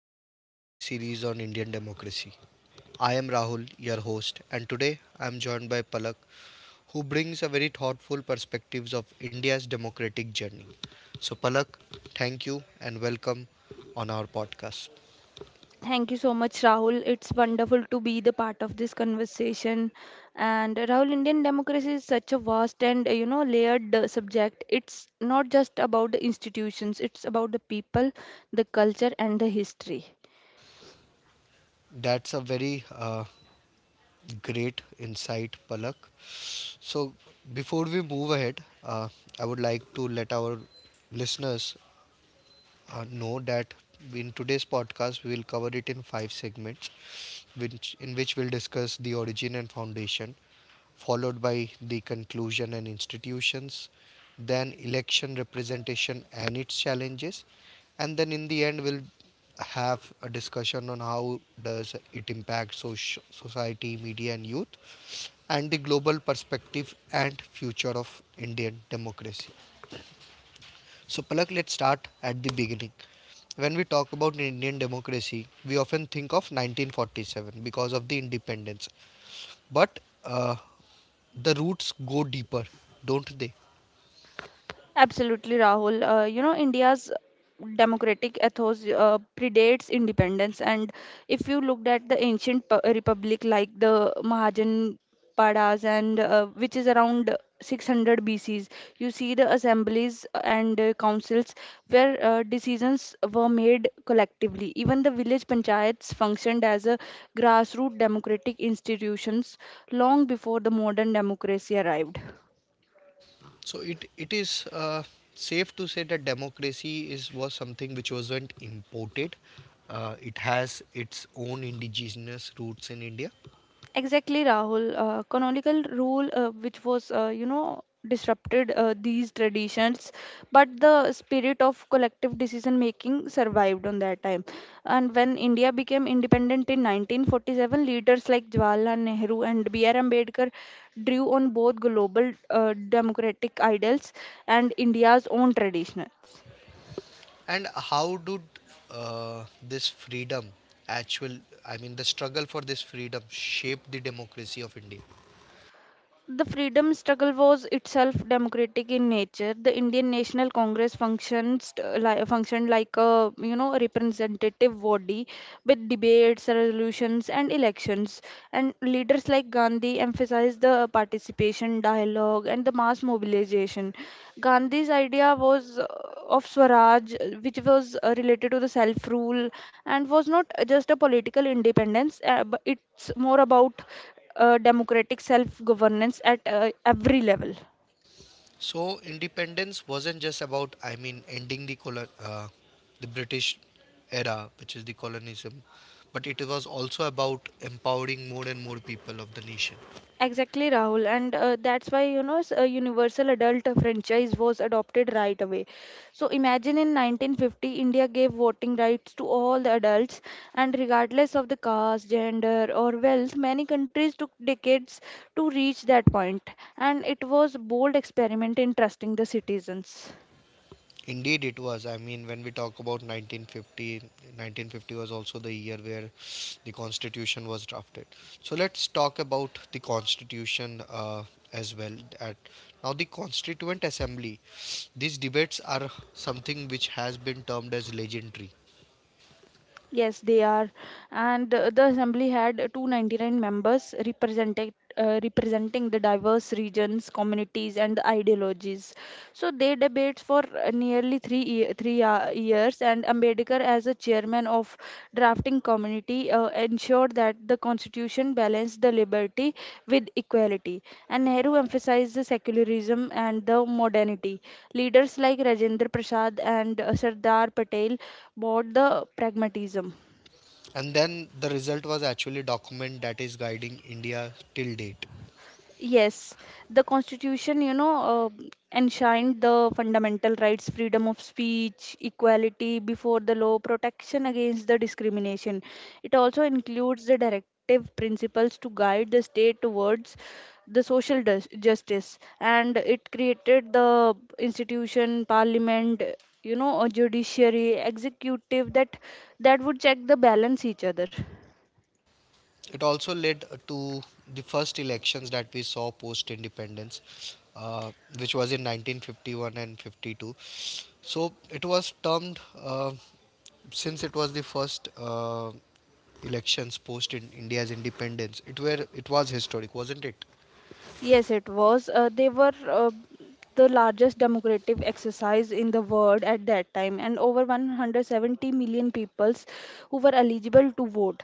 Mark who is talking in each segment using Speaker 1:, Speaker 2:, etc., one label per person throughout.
Speaker 1: to our deep dive series on Indian democracy. I am Rahul, your host, and today I am joined by Palak, who brings a very thoughtful perspectives of India's democratic journey. So Palak, thank you and welcome on our podcast.
Speaker 2: Thank you so much, Rahul. It's wonderful to be the part of this conversation. And Rahul, Indian democracy is such a vast and layered subject. It's not just about the institutions; it's about the people, the culture, and the history.
Speaker 1: That's a very great insight, Palak. So before we move ahead, I would like to let our listeners know that in today's podcast we will cover it in five segments which in which we'll discuss the origin and foundation, followed by the conclusion and institutions, then election representation and its challenges, and then in the end we'll have a discussion on how does it impact society, media and youth, and the global perspective and future of indian democracy. So, Palak, let's start at the beginning. When we talk about Indian democracy, we often think of 1947 because of the independence. But the roots go deeper, don't they?
Speaker 2: Absolutely, Rahul. India's democratic ethos predates independence. And if you looked at the ancient republic like the Mahajan Padas, and which is around 600 BCs, you see the assemblies and councils where decisions were made collectively. Even the village panchayats functioned as a grassroots democratic institutions long before the modern democracy arrived.
Speaker 1: So, it is safe to say that democracy is was something which wasn't imported. It has its own indigenous roots in India.
Speaker 2: Exactly, Rahul. Canonical rule, which was, you know, disrupted these traditions, but the spirit of collective decision making survived on that time. And when India became independent in 1947, leaders like Jawaharlal Nehru and B.R. Ambedkar drew on both global democratic ideals and India's own tradition.
Speaker 1: And how did this freedom, actual, I mean, the struggle for this freedom, shape the democracy of India?
Speaker 2: The freedom struggle was itself democratic in nature. The Indian National Congress functioned like a representative body with debates, resolutions, and elections. And leaders like Gandhi emphasized the participation, dialogue, and the mass mobilization. Gandhi's idea was of Swaraj, which was related to the self rule and was not just a political independence, but it's more about democratic self governance at every level.
Speaker 1: So independence wasn't just about, I mean, ending the the British era, which is the colonialism, but it was also about empowering more and more people of the nation.
Speaker 2: Exactly, Rahul, and that's why a universal adult franchise was adopted right away. So imagine in 1950, India gave voting rights to all the adults, and regardless of the caste, gender, or wealth, many countries took decades to reach that point, and it was bold experiment in trusting the citizens.
Speaker 1: Indeed, it was. I mean, when we talk about nineteen fifty, was also the year where the Constitution was drafted. So let's talk about the Constitution as well. At the Constituent Assembly. These debates are something which has been termed as legendary.
Speaker 2: Yes, they are. And the assembly had 299 members representing the diverse regions, communities, and ideologies. So they debates for nearly three years, and Ambedkar, as a chairman of drafting community ensured that the constitution balanced the liberty with equality. And Nehru emphasized the secularism and the modernity. Leaders like Rajendra Prasad and Sardar Patel brought the pragmatism.
Speaker 1: And then the result was actually a document that is guiding india till date.
Speaker 2: Yes, the Constitution, enshrined the fundamental rights, freedom of speech, equality before the law, protection against the discrimination. It also includes the directive principles to guide the state towards the justice, and it created the institution, parliament, a judiciary, executive that would check the balance each other.
Speaker 1: It also led to the first elections that we saw post independence, uh, which was in 1951 and 52. So it was termed, uh, since it was the first elections post in india's independence, it was historic, wasn't it?
Speaker 2: Yes, it was. They were the largest democratic exercise in the world at that time, and over 170 million peoples who were eligible to vote.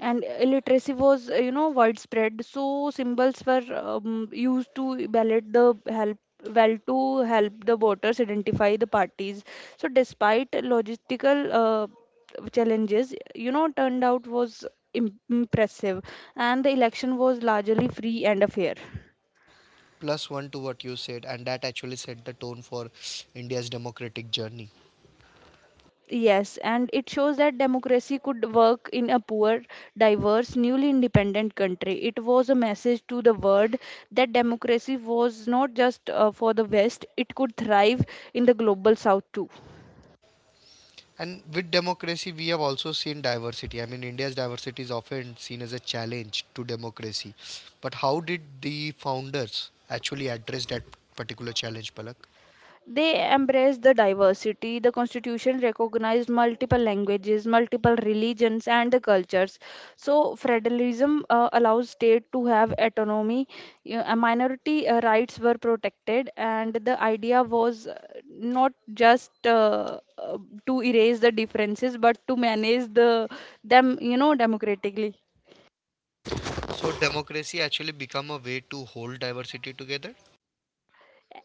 Speaker 2: And illiteracy was, widespread. So symbols were used to ballot the help well to help the voters identify the parties. So despite logistical challenges, turned out was impressive, and the election was largely free and fair.
Speaker 1: Plus one to what you said, and that actually set the tone for india's democratic journey.
Speaker 2: Yes, and it shows that democracy could work in a poor, diverse, newly independent country. It was a message to the world that democracy was not just for the West, it could thrive in the global South too.
Speaker 1: And with democracy, we have also seen diversity. I mean, India's diversity is often seen as a challenge to democracy. But how did the founders actually address that particular challenge, Palak?
Speaker 2: They embrace the diversity. The constitution recognized multiple languages, multiple religions, and the cultures. So, federalism allows state to have autonomy. Minority rights were protected, and the idea was not just to erase the differences, but to manage the them, democratically.
Speaker 1: So, democracy actually become a way to hold diversity together.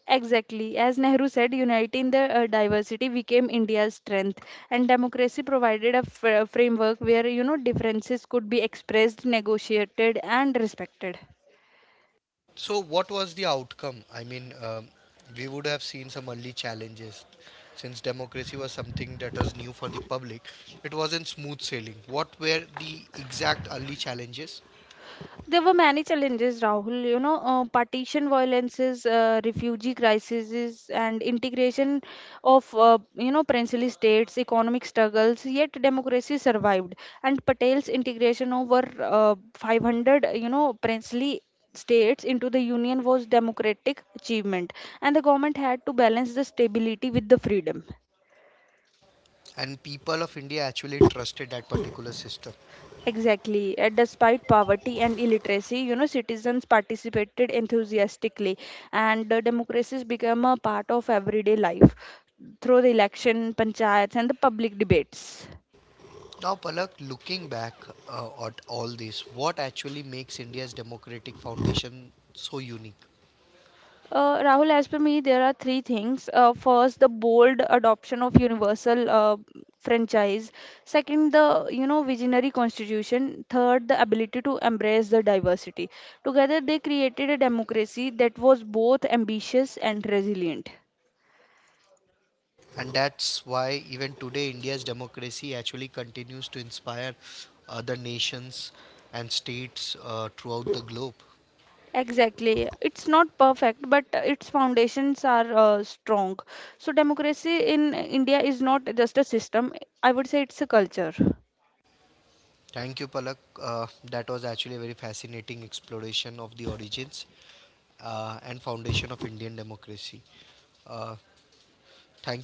Speaker 2: Exactly. As Nehru said, uniting the diversity became India's strength, and democracy provided a framework where differences could be expressed, negotiated, and respected.
Speaker 1: So, what was the outcome? I mean, we would have seen some early challenges. Since democracy was something that was new for the public, it wasn't smooth sailing. What were the exact early challenges?
Speaker 2: There were many challenges, Rahul. Partition violences, refugee crises, and integration of, princely states, economic struggles, yet democracy survived. And Patel's integration over 500, princely states into the union was democratic achievement and the government had to balance the stability with the freedom.
Speaker 1: And people of India actually trusted that particular system.
Speaker 2: Exactly. And despite poverty and illiteracy, citizens participated enthusiastically, and democracies became a part of everyday life through the election, panchayats, and the public debates.
Speaker 1: Now, Palak, looking back at all this, what actually makes India's democratic foundation so unique?
Speaker 2: Rahul, as per me, there are three things. First, the bold adoption of universal franchise. Second, the visionary constitution. Third, the ability to embrace the diversity. Together, they created a democracy that was both ambitious and resilient.
Speaker 1: And that's why even today India's democracy actually continues to inspire other nations and states throughout the globe.
Speaker 2: Exactly. It's not perfect, but its foundations are strong. So, democracy in India is not just a system, I would say it's a culture.
Speaker 1: Thank you, Palak. That was actually a very fascinating exploration of the origins and foundation of Indian democracy. Uh,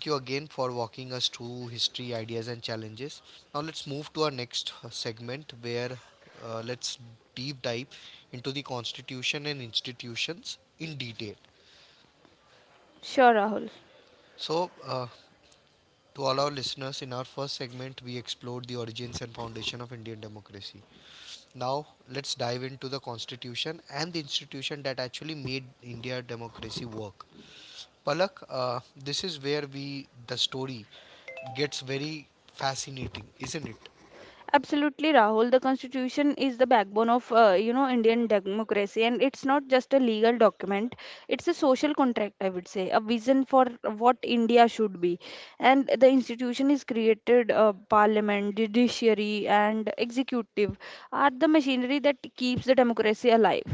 Speaker 1: Thank you again for walking us through history, ideas, and challenges. Now, let's move to our next segment where let's deep dive into the constitution and institutions in detail.
Speaker 2: Sure, Rahul.
Speaker 1: So, to all our listeners, in our first segment, we explored the origins and foundation of Indian democracy. Now, let's dive into the constitution and the institution that actually made India democracy work. Palak, this is where we the story gets very fascinating, isn't it?
Speaker 2: Absolutely, Rahul. The Constitution is the backbone of Indian democracy, and it's not just a legal document; it's a social contract, I would say, a vision for what India should be. And the institution is created. Parliament, judiciary, and executive are the machinery that keeps the democracy alive.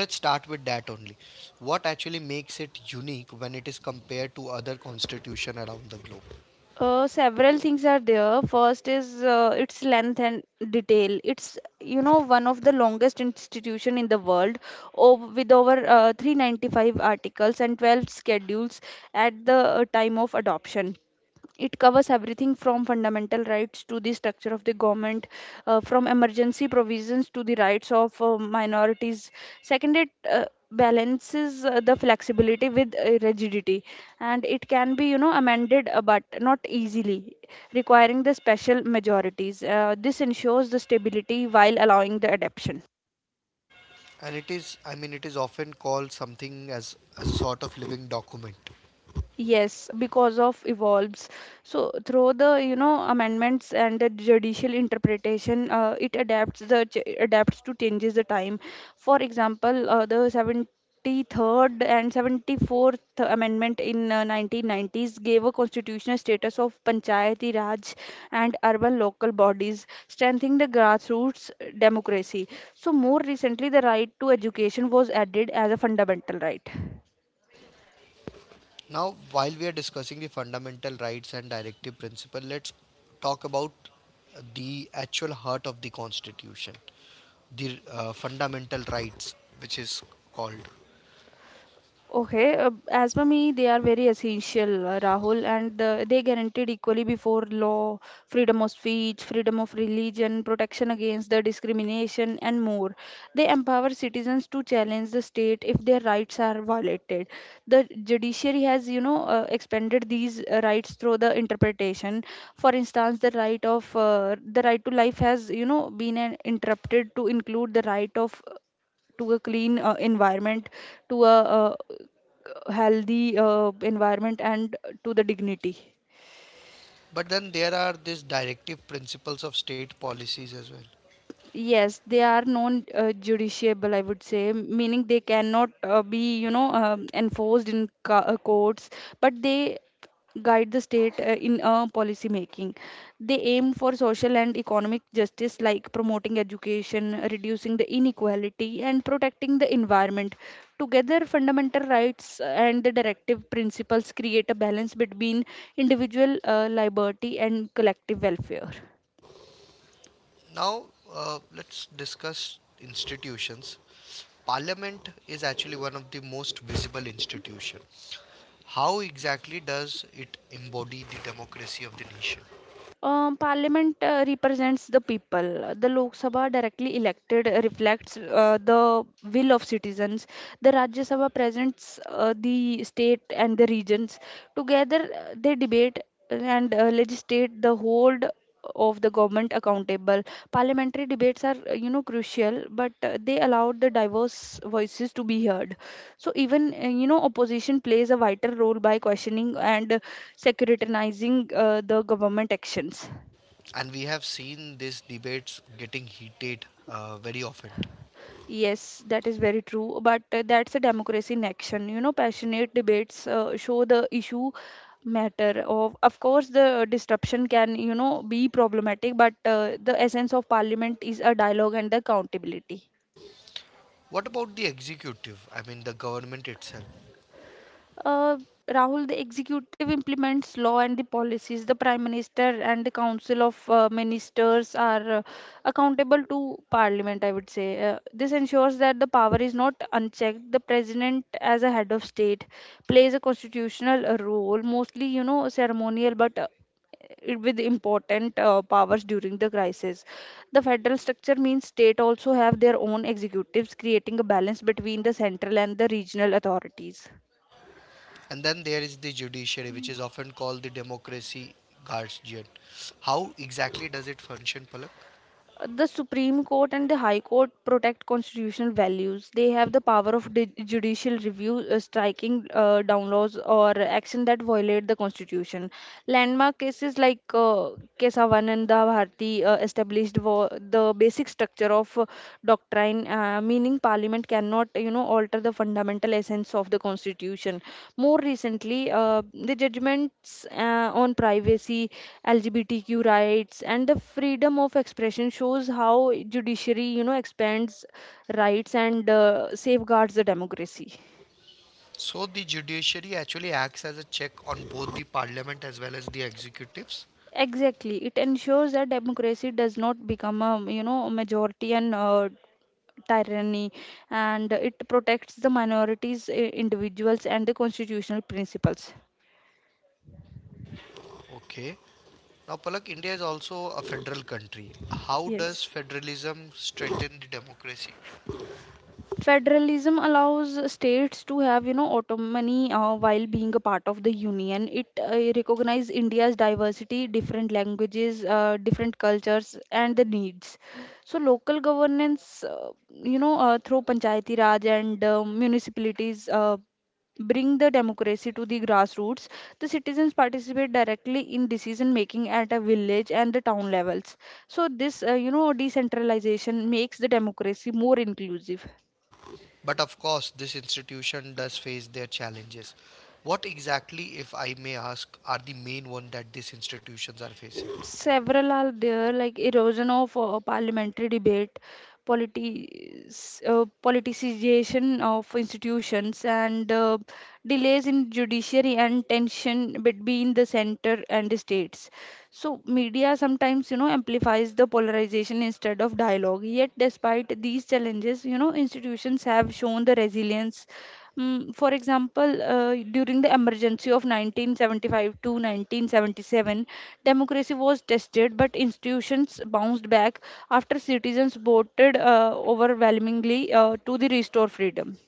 Speaker 1: So let's start with that only. What actually makes it unique when it is compared to other constitution around the globe?
Speaker 2: Several things are there. First is its length and detail. It's one of the longest institution in the world, with over 395 articles and 12 schedules at the time of adoption. It covers everything from fundamental rights to the structure of the government, from emergency provisions to the rights of minorities. Second, it balances the flexibility with rigidity and it can be amended but not easily, requiring the special majorities. This ensures the stability while allowing the adaptation.
Speaker 1: And it is, I mean, it is often called something as a sort of living document.
Speaker 2: Yes, because of evolves. So through the amendments and the judicial interpretation, it adapts to changes the time. For example, the 73rd and 74th Amendment in 1990s gave a constitutional status of Panchayati Raj and urban local bodies, strengthening the grassroots democracy. So more recently, the right to education was added as a fundamental right.
Speaker 1: Now, while we are discussing the fundamental rights and directive principle, let's talk about the actual heart of the constitution, the fundamental rights, which is called.
Speaker 2: Okay, as per me, they are very essential, Rahul, and they guaranteed equally before law, freedom of speech, freedom of religion, protection against the discrimination, and more. They empower citizens to challenge the state if their rights are violated. The judiciary has, expanded these rights through the interpretation. For instance, the right to life has, been interrupted to include the right of to a clean environment to a, healthy environment and to the dignity.
Speaker 1: But then there are these directive principles of state policies as well.
Speaker 2: Yes, they are non-judiciable, I would say, meaning they cannot be, enforced in co courts, but they guide the state in policy making. They aim for social and economic justice, like promoting education, reducing the inequality, and protecting the environment. Together, fundamental rights and the directive principles create a balance between individual liberty and collective welfare.
Speaker 1: Now, let's discuss institutions. Parliament is actually one of the most visible institution. How exactly does it embody the democracy of the nation?
Speaker 2: Parliament represents the people. The Lok Sabha, directly elected, reflects the will of citizens. The Rajya Sabha presents the state and the regions. Together, they debate and legislate the whole of the government accountable. Parliamentary debates are, crucial, but they allow the diverse voices to be heard. So even opposition plays a vital role by questioning and securitizing the government actions.
Speaker 1: And we have seen these debates getting heated very often.
Speaker 2: Yes, that is very true, but that's a democracy in action. Passionate debates show the issue matter. Of course, the disruption can be problematic, but the essence of parliament is a dialogue and the accountability.
Speaker 1: What about the executive? I mean, the government itself.
Speaker 2: Uh, Rahul, the executive implements law and the policies. The prime minister and the council of ministers are accountable to parliament, I would say. This ensures that the power is not unchecked. The president, as a head of state, plays a constitutional role, mostly, ceremonial, but with important powers during the crisis. The federal structure means state also have their own executives, creating a balance between the central and the regional authorities.
Speaker 1: And then there is the judiciary, which is often called the democracy guardian. How exactly does it function, Palak?
Speaker 2: The supreme court and the high court protect constitutional values. They have the power of judicial review, striking down laws or action that violate the constitution. Landmark cases like Kesavanan and the Bharti the basic structure of doctrine, meaning parliament cannot alter the fundamental essence of the constitution. More recently, the judgments on privacy, LGBTQ rights, and the freedom of expression shows how judiciary expands rights and safeguards the democracy.
Speaker 1: So the judiciary actually acts as a check on both the parliament as well as the executives.
Speaker 2: Exactly, it ensures that democracy does not become a a majority and tyranny, and it protects the minorities, individuals, and the constitutional principles.
Speaker 1: Okay. Now, Palak, India is also a federal country. How
Speaker 2: Yes.
Speaker 1: does federalism strengthen the democracy?
Speaker 2: Federalism allows states to have, autonomy while being a part of the union. It recognizes India's diversity, different languages, different cultures, and the needs. So local governance, through Panchayati Raj and municipalities, bring the democracy to the grassroots. The citizens participate directly in decision making at a village and the town levels. So this, decentralization makes the democracy more inclusive.
Speaker 1: But of course, this institution does face their challenges. What exactly, if I may ask, are the main one that these institutions are facing?
Speaker 2: Several are there, like erosion of parliamentary debate, politicization of institutions, and delays in judiciary, and tension between the center and the states. So media sometimes, amplifies the polarization instead of dialogue. Yet despite these challenges, institutions have shown the resilience. Mm, for example, during the emergency of 1975 to 1977, democracy was tested, but institutions bounced back after citizens voted overwhelmingly to the restore freedom.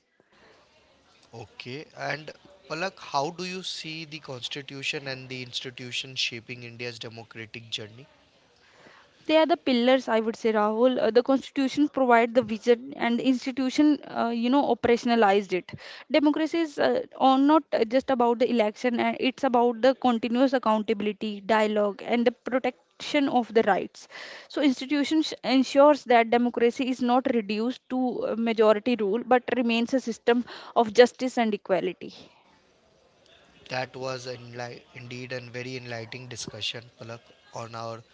Speaker 1: Okay. And Palak, how do you see the constitution and the institution shaping India's democratic journey?
Speaker 2: They are the pillars, I would say, Rahul. The constitution provide the vision, and the institution operationalized it. Democracy is on not just about the election, and it's about the continuous accountability, dialogue, and the protection of the rights. So institutions ensures that democracy is not reduced to majority rule, but remains a system of justice and equality.
Speaker 1: That was indeed a very enlightening discussion, Palak, on our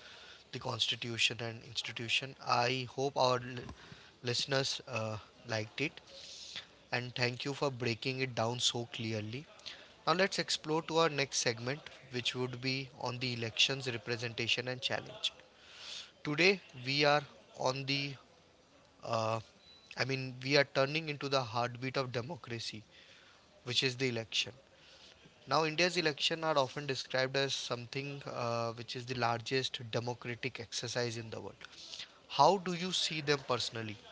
Speaker 1: the constitution and institution. I hope our listeners liked it, and thank you for breaking it down so clearly. Now let's explore to our next segment, which would be on the elections, representation, and challenge. Today we are on the, uh, I mean, we are turning into the heartbeat of democracy, which is the election. Now, India's elections are often described as something which is the largest democratic exercise in the world. How do you see them personally?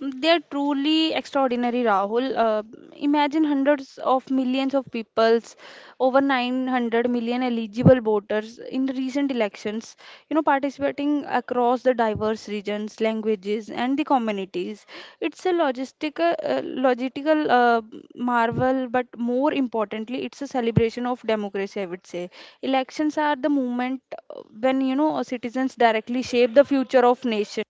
Speaker 2: They're truly extraordinary, Rahul. Imagine hundreds of millions of peoples, over 900 million eligible voters in recent elections, participating across the diverse regions, languages, and the communities. It's a logistical marvel, but more importantly, it's a celebration of democracy, I would say. Elections are the moment when, citizens directly shape the future of nation.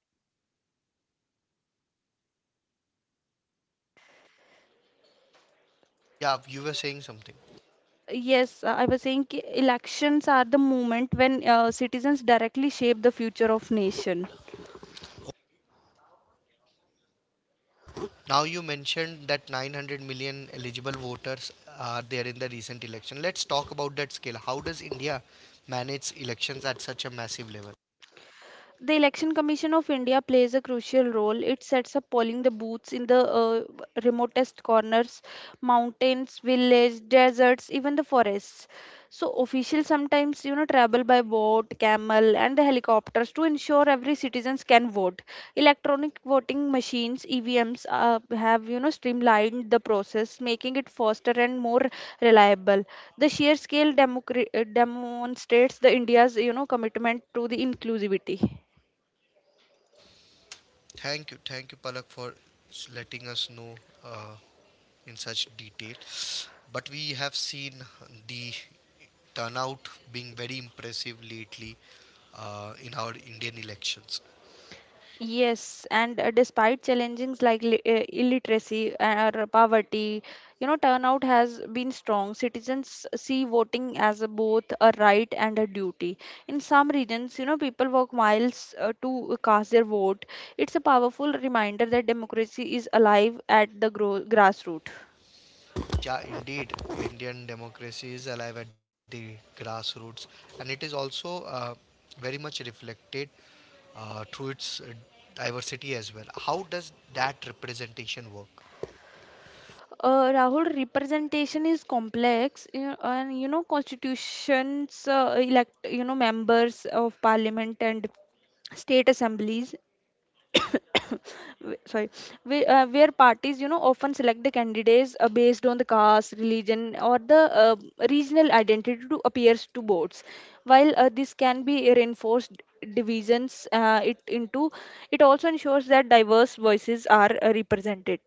Speaker 1: Yeah, you were saying something.
Speaker 2: Yes, I was saying ki elections are the moment when citizens directly shape the future of nation.
Speaker 1: Now you mentioned that 900 million eligible voters are there in the recent election. Let's talk about that scale. How does India manage elections at such a massive level?
Speaker 2: The Election Commission of India plays a crucial role. It sets up polling the booths in the remotest corners, mountains, villages, deserts, even the forests. So officials sometimes, travel by boat, camel, and the helicopters to ensure every citizens can vote. Electronic voting machines (EVMs) have, streamlined the process, making it faster and more reliable. The sheer scale demonstrates the India's, commitment to the inclusivity.
Speaker 1: Thank you, Palak, for letting us know uh, in such detail, but we have seen the turnout being very impressive lately in our Indian elections.
Speaker 2: Yes, and despite challenges like illiteracy or poverty, turnout has been strong. Citizens see voting as a both a right and a duty. In some regions, people walk miles to cast their vote. It's a powerful reminder that democracy is alive at the gro grassroots.
Speaker 1: Yeah, indeed, Indian democracy is alive at the grassroots, and it is also very much reflected through its diversity as well. How does that representation work?
Speaker 2: Rahul, representation is complex, and constitutions elect, members of parliament and state assemblies. Sorry, where parties, often select the candidates based on the caste, religion, or the regional identity to appears to votes. While this can be reinforced divisions it into, it also ensures that diverse voices are represented,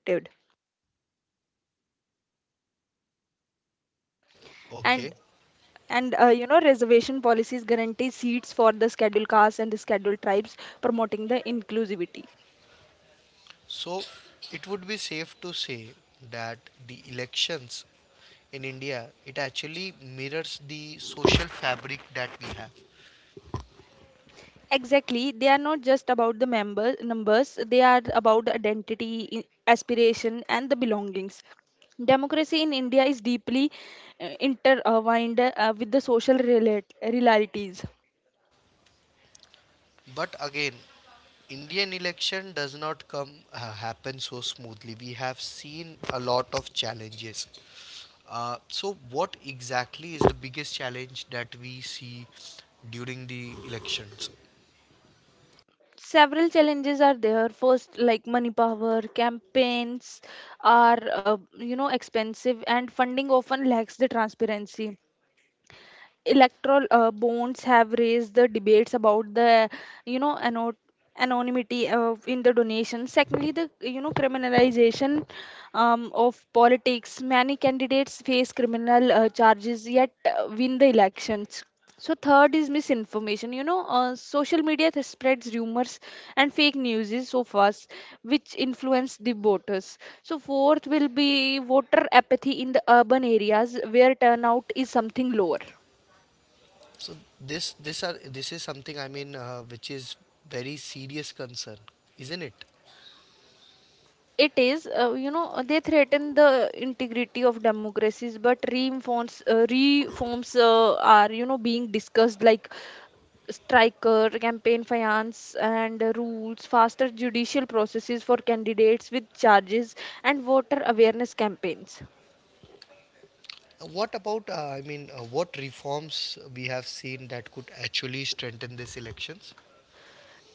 Speaker 1: Okay.
Speaker 2: and and reservation policies guarantee seats for the scheduled castes and the scheduled tribes, promoting the inclusivity.
Speaker 1: So it would be safe to say that the elections in India it actually mirrors the social fabric that we have.
Speaker 2: Exactly. They are not just about the member numbers, they are about the identity, aspiration, and the belongings. Democracy in India is deeply intertwined with the social realities.
Speaker 1: But again, Indian election does not come happen so smoothly. We have seen a lot of challenges. So what exactly is the biggest challenge that we see during the elections?
Speaker 2: Several challenges are there. First, like money power, campaigns are expensive, and funding often lacks the transparency. Electoral bonds have raised the debates about the, you know ano- anonymity of in the donation. Secondly, the, criminalization of politics, many candidates face criminal charges yet win the elections. So third is misinformation, social media that spreads rumors and fake news is so fast, which influence the voters. So fourth will be voter apathy in the urban areas where turnout is something lower.
Speaker 1: So this is something, I mean which is very serious concern, isn't it?
Speaker 2: It is, they threaten the integrity of democracies, but reforms are, being discussed, like striker, campaign finance, and rules, faster judicial processes for candidates with charges, and voter awareness campaigns.
Speaker 1: What about, I mean, what reforms we have seen that could actually strengthen these elections?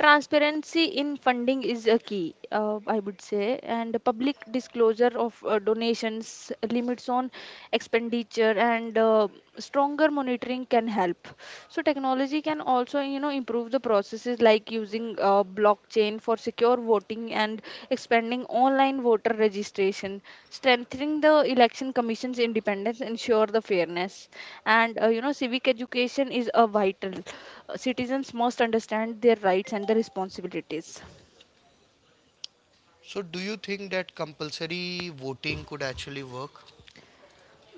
Speaker 2: Transparency in funding is a key, I would say, and public disclosure of donations, limits on expenditure, and stronger monitoring can help. So technology can also, improve the processes, like using blockchain for secure voting and expanding online voter registration. Strengthening the election commission's independence, ensure the fairness, and civic education is a vital. Citizens must understand their rights and their responsibilities.
Speaker 1: So, do you think that compulsory voting could actually work?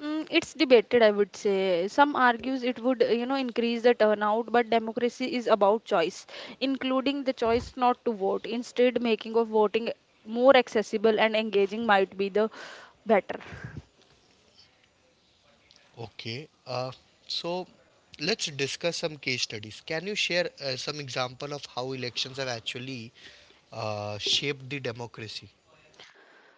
Speaker 2: Mm, it's debated, I would say. Some argues it would, increase the turnout, but democracy is about choice, including the choice not to vote. Instead, making of voting more accessible and engaging might be the better.
Speaker 1: Okay. So, let's discuss some case studies. Can you share some example of how elections have actually shaped the democracy?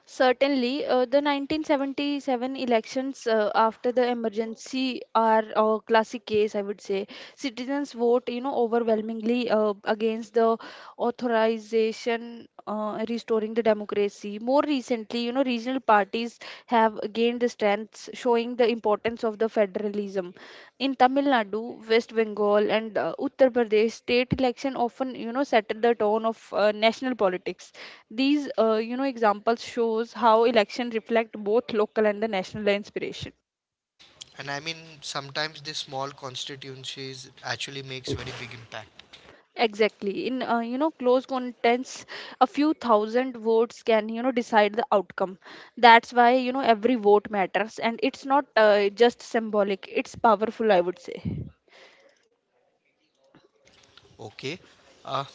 Speaker 2: Certainly, the 1977 elections after the emergency are a classic case, I would say. Citizens vote, overwhelmingly against the authorization restoring the democracy. More recently, regional parties have gained the strength, showing the importance of the federalism. In Tamil Nadu, West Bengal, and Uttar Pradesh, state election often, set the tone of national politics. These, examples shows how election reflect both local and the national inspiration.
Speaker 1: And I mean, sometimes the small constituencies actually makes very big impact.
Speaker 2: Exactly. In close contests, a few thousand votes can, decide the outcome. That's why, every vote matters, and it's not just symbolic. It's powerful, I would say.
Speaker 1: Okay. Uh,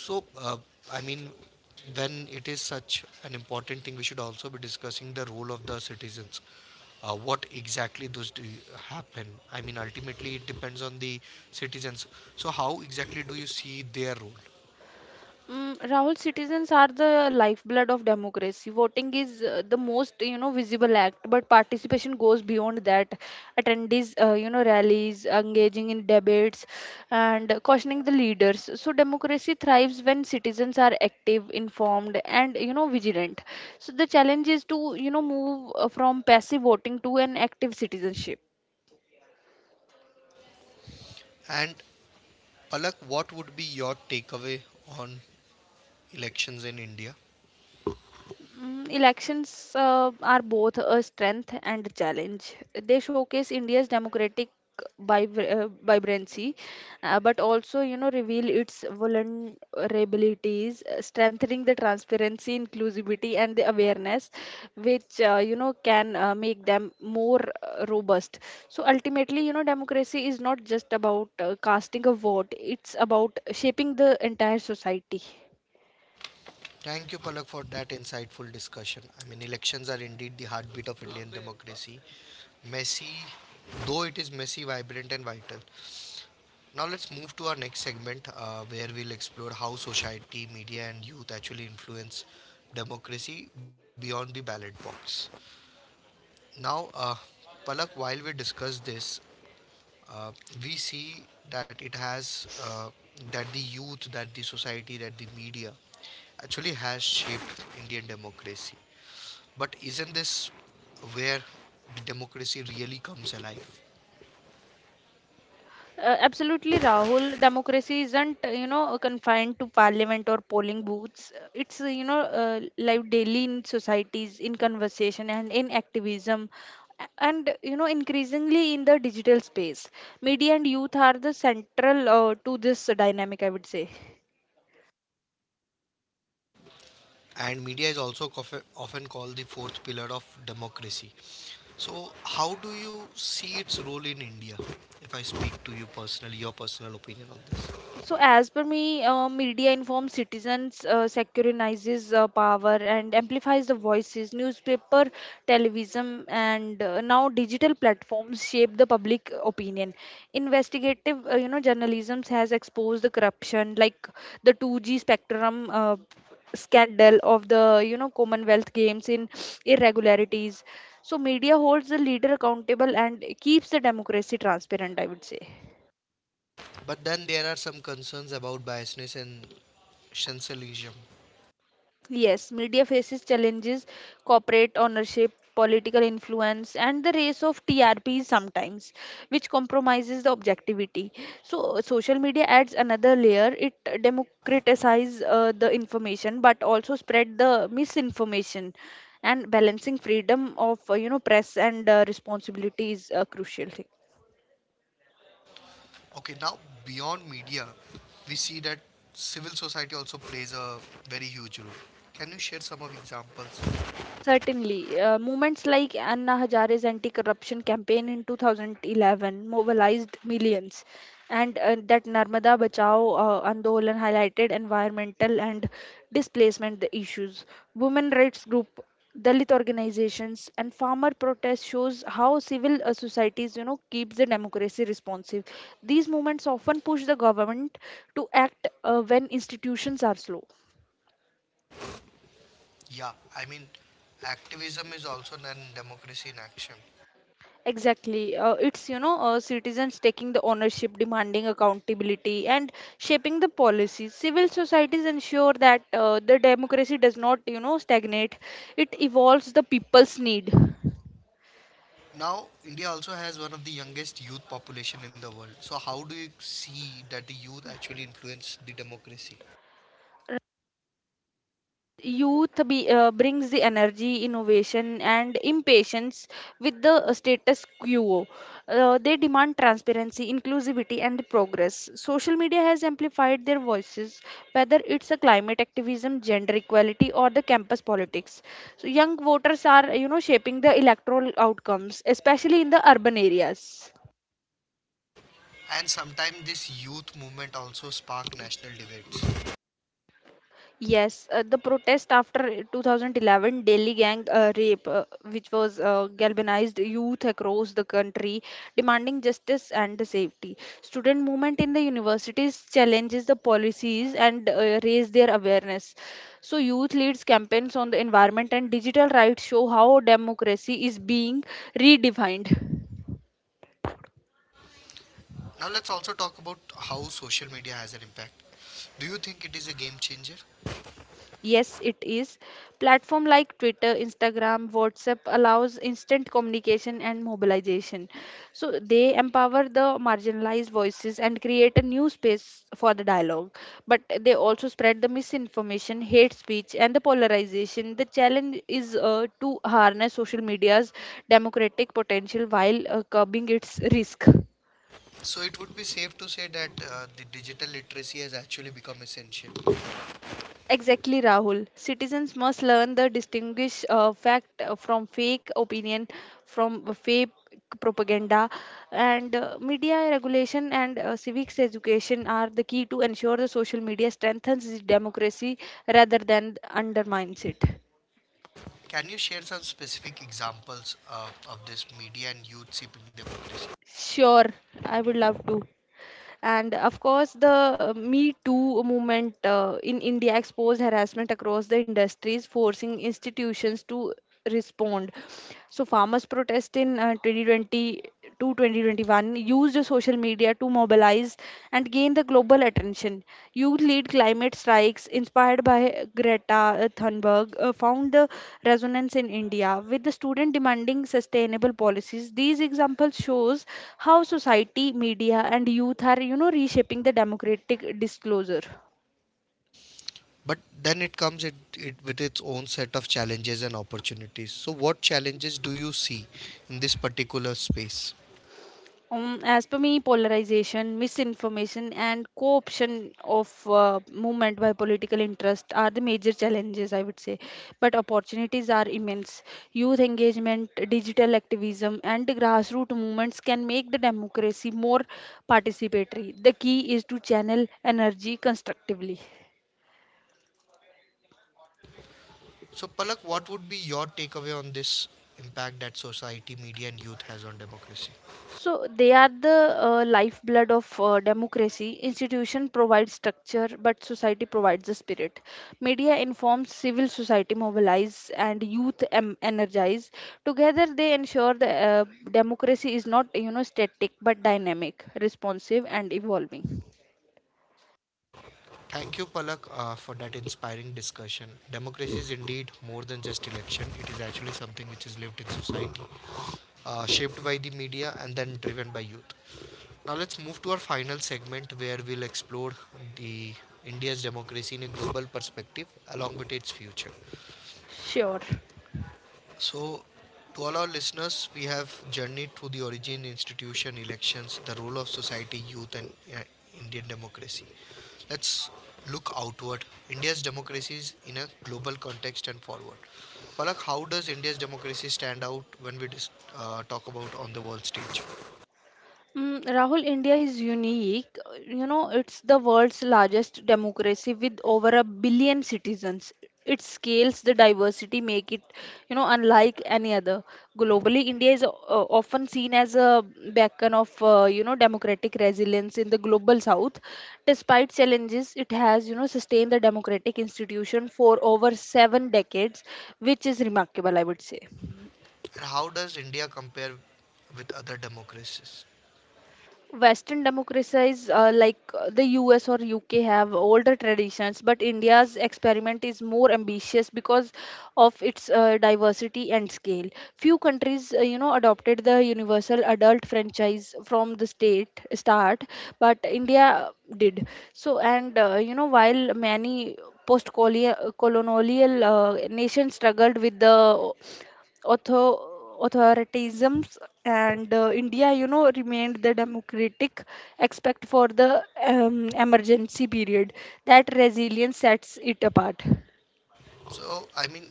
Speaker 1: So, uh, I mean, when it is such an important thing, we should also be discussing the role of the citizens. What exactly those do happen? I mean, ultimately, it depends on the citizens. So, how exactly do you see their role?
Speaker 2: Mm, Rahul, citizens are the lifeblood of democracy. Voting is the most, visible act, but participation goes beyond that. Attendees, rallies, engaging in debates, and questioning the leaders. So democracy thrives when citizens are active, informed, and, vigilant. So the challenge is to, move from passive voting to an active citizenship.
Speaker 1: And Palak, what would be your takeaway on elections in India?
Speaker 2: Mm, elections are both a strength and a challenge. They showcase India's democratic vibrancy, but also, reveal its vulnerabilities, strengthening the transparency, inclusivity, and the awareness, which can make them more robust. So ultimately, democracy is not just about casting a vote; it's about shaping the entire society.
Speaker 1: Thank you, Palak, for that insightful discussion. I mean, elections are indeed the heartbeat of Indian democracy. Messy, though it is messy, vibrant, and vital. Now let's move to our next segment where we'll explore how society, media, and youth actually influence democracy beyond the ballot box. Now, Palak, while we discuss this, uh, we see that it has that the youth, that the society, that the media actually has shaped Indian democracy. But isn't this where the democracy really comes alive?
Speaker 2: Absolutely, Rahul. Democracy isn't, confined to parliament or polling booths. It's, live daily in societies, in conversation, and in activism. And, increasingly in the digital space. Media and youth are the central to this dynamic, I would say.
Speaker 1: And media is also often called the fourth pillar of democracy. So, how do you see its role in India? If I speak to you personally, your personal opinion on this.
Speaker 2: So, as per me, media informs citizens, securitizes power, and amplifies the voices. Newspaper, television, and now digital platforms shape the public opinion. Investigative, journalism has exposed the corruption, like the 2G spectrum scandal of the, Commonwealth Games in irregularities. So, media holds the leader accountable and keeps the democracy transparent, I would say.
Speaker 1: But then there are some concerns about biasness and sensationalism.
Speaker 2: Yes, media faces challenges: corporate ownership, political influence, and the race of TRPs sometimes, which compromises the objectivity. So, social media adds another layer. It democratizes the information, but also spread the misinformation. And balancing freedom of, press and responsibility is a crucial thing.
Speaker 1: Okay, now beyond media, we see that civil society also plays a very huge role. Can you share some of examples?
Speaker 2: Certainly, movements like Anna Hazare's anti-corruption campaign in 2011 mobilized millions, and that Narmada Bachao Andolan highlighted environmental and displacement issues. Women rights group, Dalit organizations, and farmer protests shows how civil societies, keeps the democracy responsive. These movements often push the government to act when institutions are slow.
Speaker 1: Yeah, I mean, activism is also then democracy in action.
Speaker 2: Exactly. Citizens taking the ownership, demanding accountability, and shaping the policies. Civil societies ensure that the democracy does not, stagnate. It evolves the people's need.
Speaker 1: Now, India also has one of the youngest youth population in the world. So, how do you see that the youth actually influence the democracy?
Speaker 2: Youth brings the energy, innovation, and impatience with the status quo. They demand transparency, inclusivity, and progress. Social media has amplified their voices, whether it's a climate activism, gender equality, or the campus politics. So young voters are, shaping the electoral outcomes, especially in the urban areas.
Speaker 1: And sometimes this youth movement also spark national debates.
Speaker 2: Yes, the protest after 2011 Delhi gang rape, which was galvanized youth across the country, demanding justice and the safety. Student movement in the universities challenges the policies and raise their awareness. So youth leads campaigns on the environment and digital rights show how democracy is being redefined.
Speaker 1: Now, let's also talk about how social media has an impact. Do you think it is a game changer?
Speaker 2: Yes, it is. Platform like Twitter, Instagram, WhatsApp allows instant communication and mobilization. So they empower the marginalized voices and create a new space for the dialogue. But they also spread the misinformation, hate speech, and the polarization. The challenge is to harness social media's democratic potential while curbing its risk.
Speaker 1: So, it would be safe to say that the digital literacy has actually become essential.
Speaker 2: Exactly, Rahul. Citizens must learn the distinguish fact from fake opinion, from fake propaganda, and media regulation and civics education are the key to ensure the social media strengthens the democracy rather than undermines it.
Speaker 1: Can you share some specific examples of this media and youth shaping democracy?
Speaker 2: Sure, I would love to. And of course, the Me Too movement in India exposed harassment across the industries, forcing institutions to respond. So, farmers protest in 2020 to 2021 used social media to mobilize and gain the global attention. Youth lead climate strikes inspired by Greta Thunberg found the resonance in India with the student demanding sustainable policies. These examples shows how society, media and youth are, reshaping the democratic disclosure.
Speaker 1: But then it comes it, it with its own set of challenges and opportunities. So what challenges do you see in this particular space?
Speaker 2: As per me, polarization, misinformation, and co-option of movement by political interest are the major challenges, I would say. But opportunities are immense. Youth engagement, digital activism, and grassroots movements can make the democracy more participatory. The key is to channel energy constructively.
Speaker 1: So Palak, what would be your takeaway on this impact that society, media and youth has on democracy?
Speaker 2: So they are the lifeblood of democracy. Institution provides structure, but society provides the spirit. Media informs, civil society mobilize, and energize. Together, they ensure the democracy is not static but dynamic, responsive, and evolving.
Speaker 1: Thank you, Palak, for that inspiring discussion. Democracy is indeed more than just election. It is actually something which is lived in society, shaped by the media and then driven by youth. Now let's move to our final segment where we'll explore the India's democracy in a global perspective along with its future.
Speaker 2: Sure.
Speaker 1: So, to all our listeners, we have journeyed through the origin, institution, elections, the role of society, youth, and Indian democracy. Let's look outward. India's democracy is in a global context and forward. Palak, how does India's democracy stand out when we talk about on the world stage?
Speaker 2: Mm, Rahul, India is unique. It's the world's largest democracy with over a billion citizens. It scales the diversity, make it, unlike any other. Globally, India is often seen as a beacon of, democratic resilience in the global south. Despite challenges, it has, sustained the democratic institution for over seven decades, which is remarkable, I would say.
Speaker 1: And how does India compare with other democracies?
Speaker 2: Western democracies like the US or UK have older traditions, but India's experiment is more ambitious because of its diversity and scale. Few countries, adopted the universal adult franchise from the state start, but India did. So, and while many post-colonial nations struggled with the author authoritarianisms, and india remained the democratic, except for the emergency period. That resilience sets it apart.
Speaker 1: So, I mean,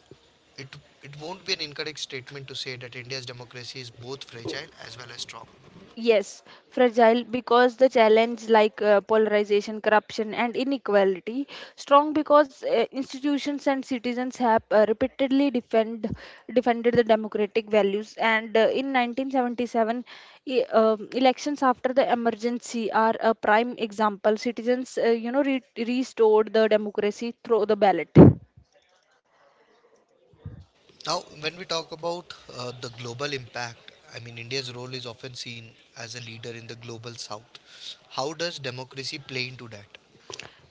Speaker 1: it, it won't be an incorrect statement to say that India's democracy is both fragile as well as strong.
Speaker 2: Yes, fragile because the challenge like polarization, corruption, and inequality. Strong because institutions and citizens have repeatedly defend defended the democratic values. And in 1977, elections after the emergency are a prime example. Citizens, restored the democracy through the ballot.
Speaker 1: Now, when we talk about the global impact, I mean, India's role is often seen as a leader in the global south. How does democracy play into that?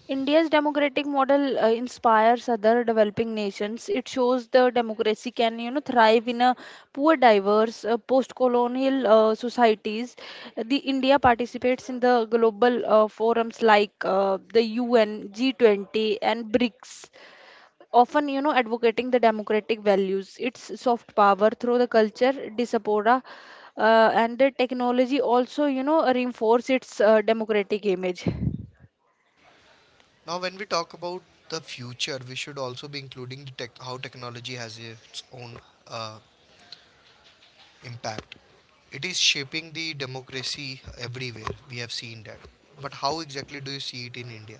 Speaker 2: India's democratic model inspires other developing nations. It shows the democracy can, thrive in a poor, diverse, post-colonial societies. The India participates in the global forums like the UN, G20, and BRICS. Often, advocating the democratic values. Its soft power through the culture, diaspora, and the technology also, reinforce its democratic image.
Speaker 1: Now, when we talk about the future, we should also be including the tech, how technology has its own uh, impact. It is shaping the democracy everywhere. We have seen that. But how exactly do you see it in India?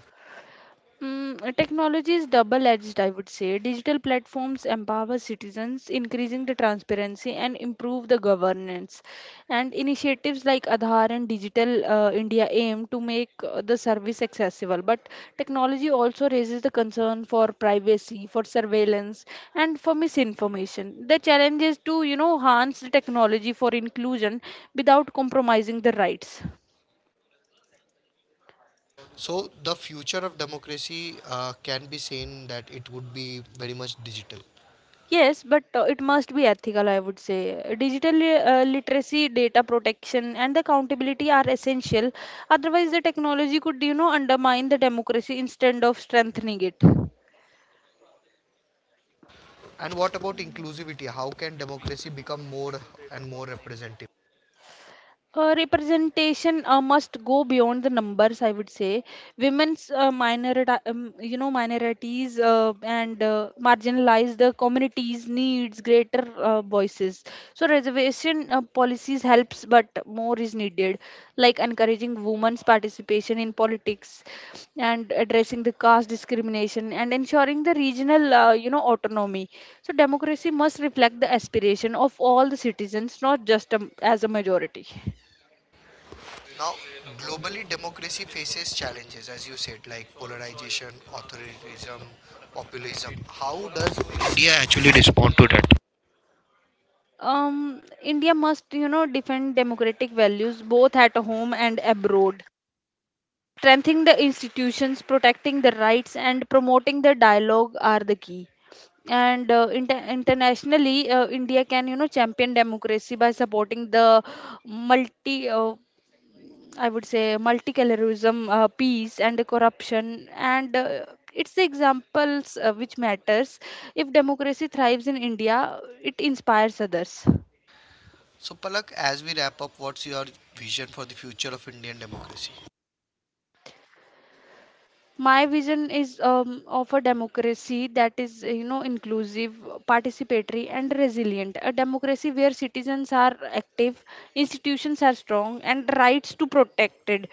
Speaker 2: Mm, technology is double-edged, I would say. Digital platforms empower citizens, increasing the transparency and improve the governance. And initiatives like Aadhaar and Digital India aim to make the service accessible. But technology also raises the concern for privacy, for surveillance, and for misinformation. The challenge is to, enhance the technology for inclusion without compromising the rights.
Speaker 1: So, the future of democracy can be seen that it would be very much digital.
Speaker 2: Yes, but it must be ethical, I would say. Digital literacy, data protection, and the accountability are essential. Otherwise, the technology could, undermine the democracy instead of strengthening it.
Speaker 1: And what about inclusivity? How can democracy become more and more representative?
Speaker 2: Representation must go beyond the numbers, I would say. Minorities and marginalized communities needs greater voices. So reservation policies helps, but more is needed, like encouraging women's participation in politics and addressing the caste discrimination and ensuring the regional, autonomy. So democracy must reflect the aspiration of all the citizens, not just as a majority.
Speaker 1: Now, globally, democracy faces challenges, as you said, like polarization, authoritarianism, populism. How does India actually respond to that?
Speaker 2: India must, defend democratic values both at home and abroad. Strengthening the institutions, protecting the rights, and promoting the dialogue are the key. And internationally, India can, champion democracy by supporting the multi, uh, I would say, multiculturalism, peace, and the corruption. And it's the examples which matters. If democracy thrives in India, it inspires others.
Speaker 1: So, Palak, as we wrap up, what's your vision for the future of Indian democracy?
Speaker 2: My vision is of a democracy that is inclusive, participatory, and resilient. A democracy where citizens are active, institutions are strong, and rights to protected.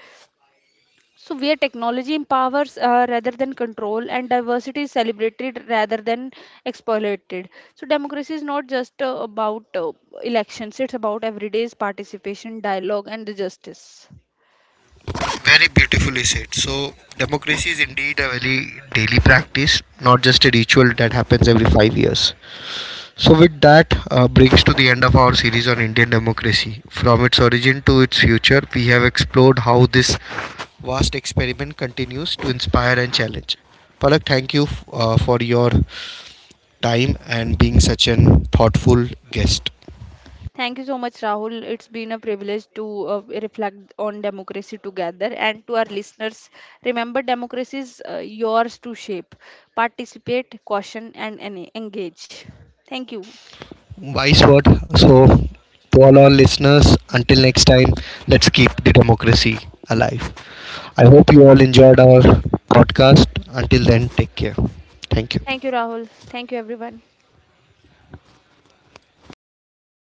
Speaker 2: So where technology empowers rather than control, and diversity is celebrated rather than exploited. So democracy is not just about elections. It's about everyday's participation, dialogue, and the justice.
Speaker 1: Very beautifully said. So, democracy is indeed a very daily practice, not just a ritual that happens every 5 years. So, with that, brings to the end of our series on Indian democracy. From its origin to its future, we have explored how this vast experiment continues to inspire and challenge. Palak, thank you for your time and being such an thoughtful guest.
Speaker 2: Thank you so much, Rahul. It's been a privilege to reflect on democracy together. And to our listeners, remember democracy is yours to shape. Participate, caution, and engage. Thank you.
Speaker 1: Wise word. So, to all our listeners, until next time, let's keep the democracy alive. I hope you all enjoyed our podcast. Until then, take care. Thank
Speaker 2: Thank you,
Speaker 1: you.
Speaker 2: Rahul. Thank you, everyone.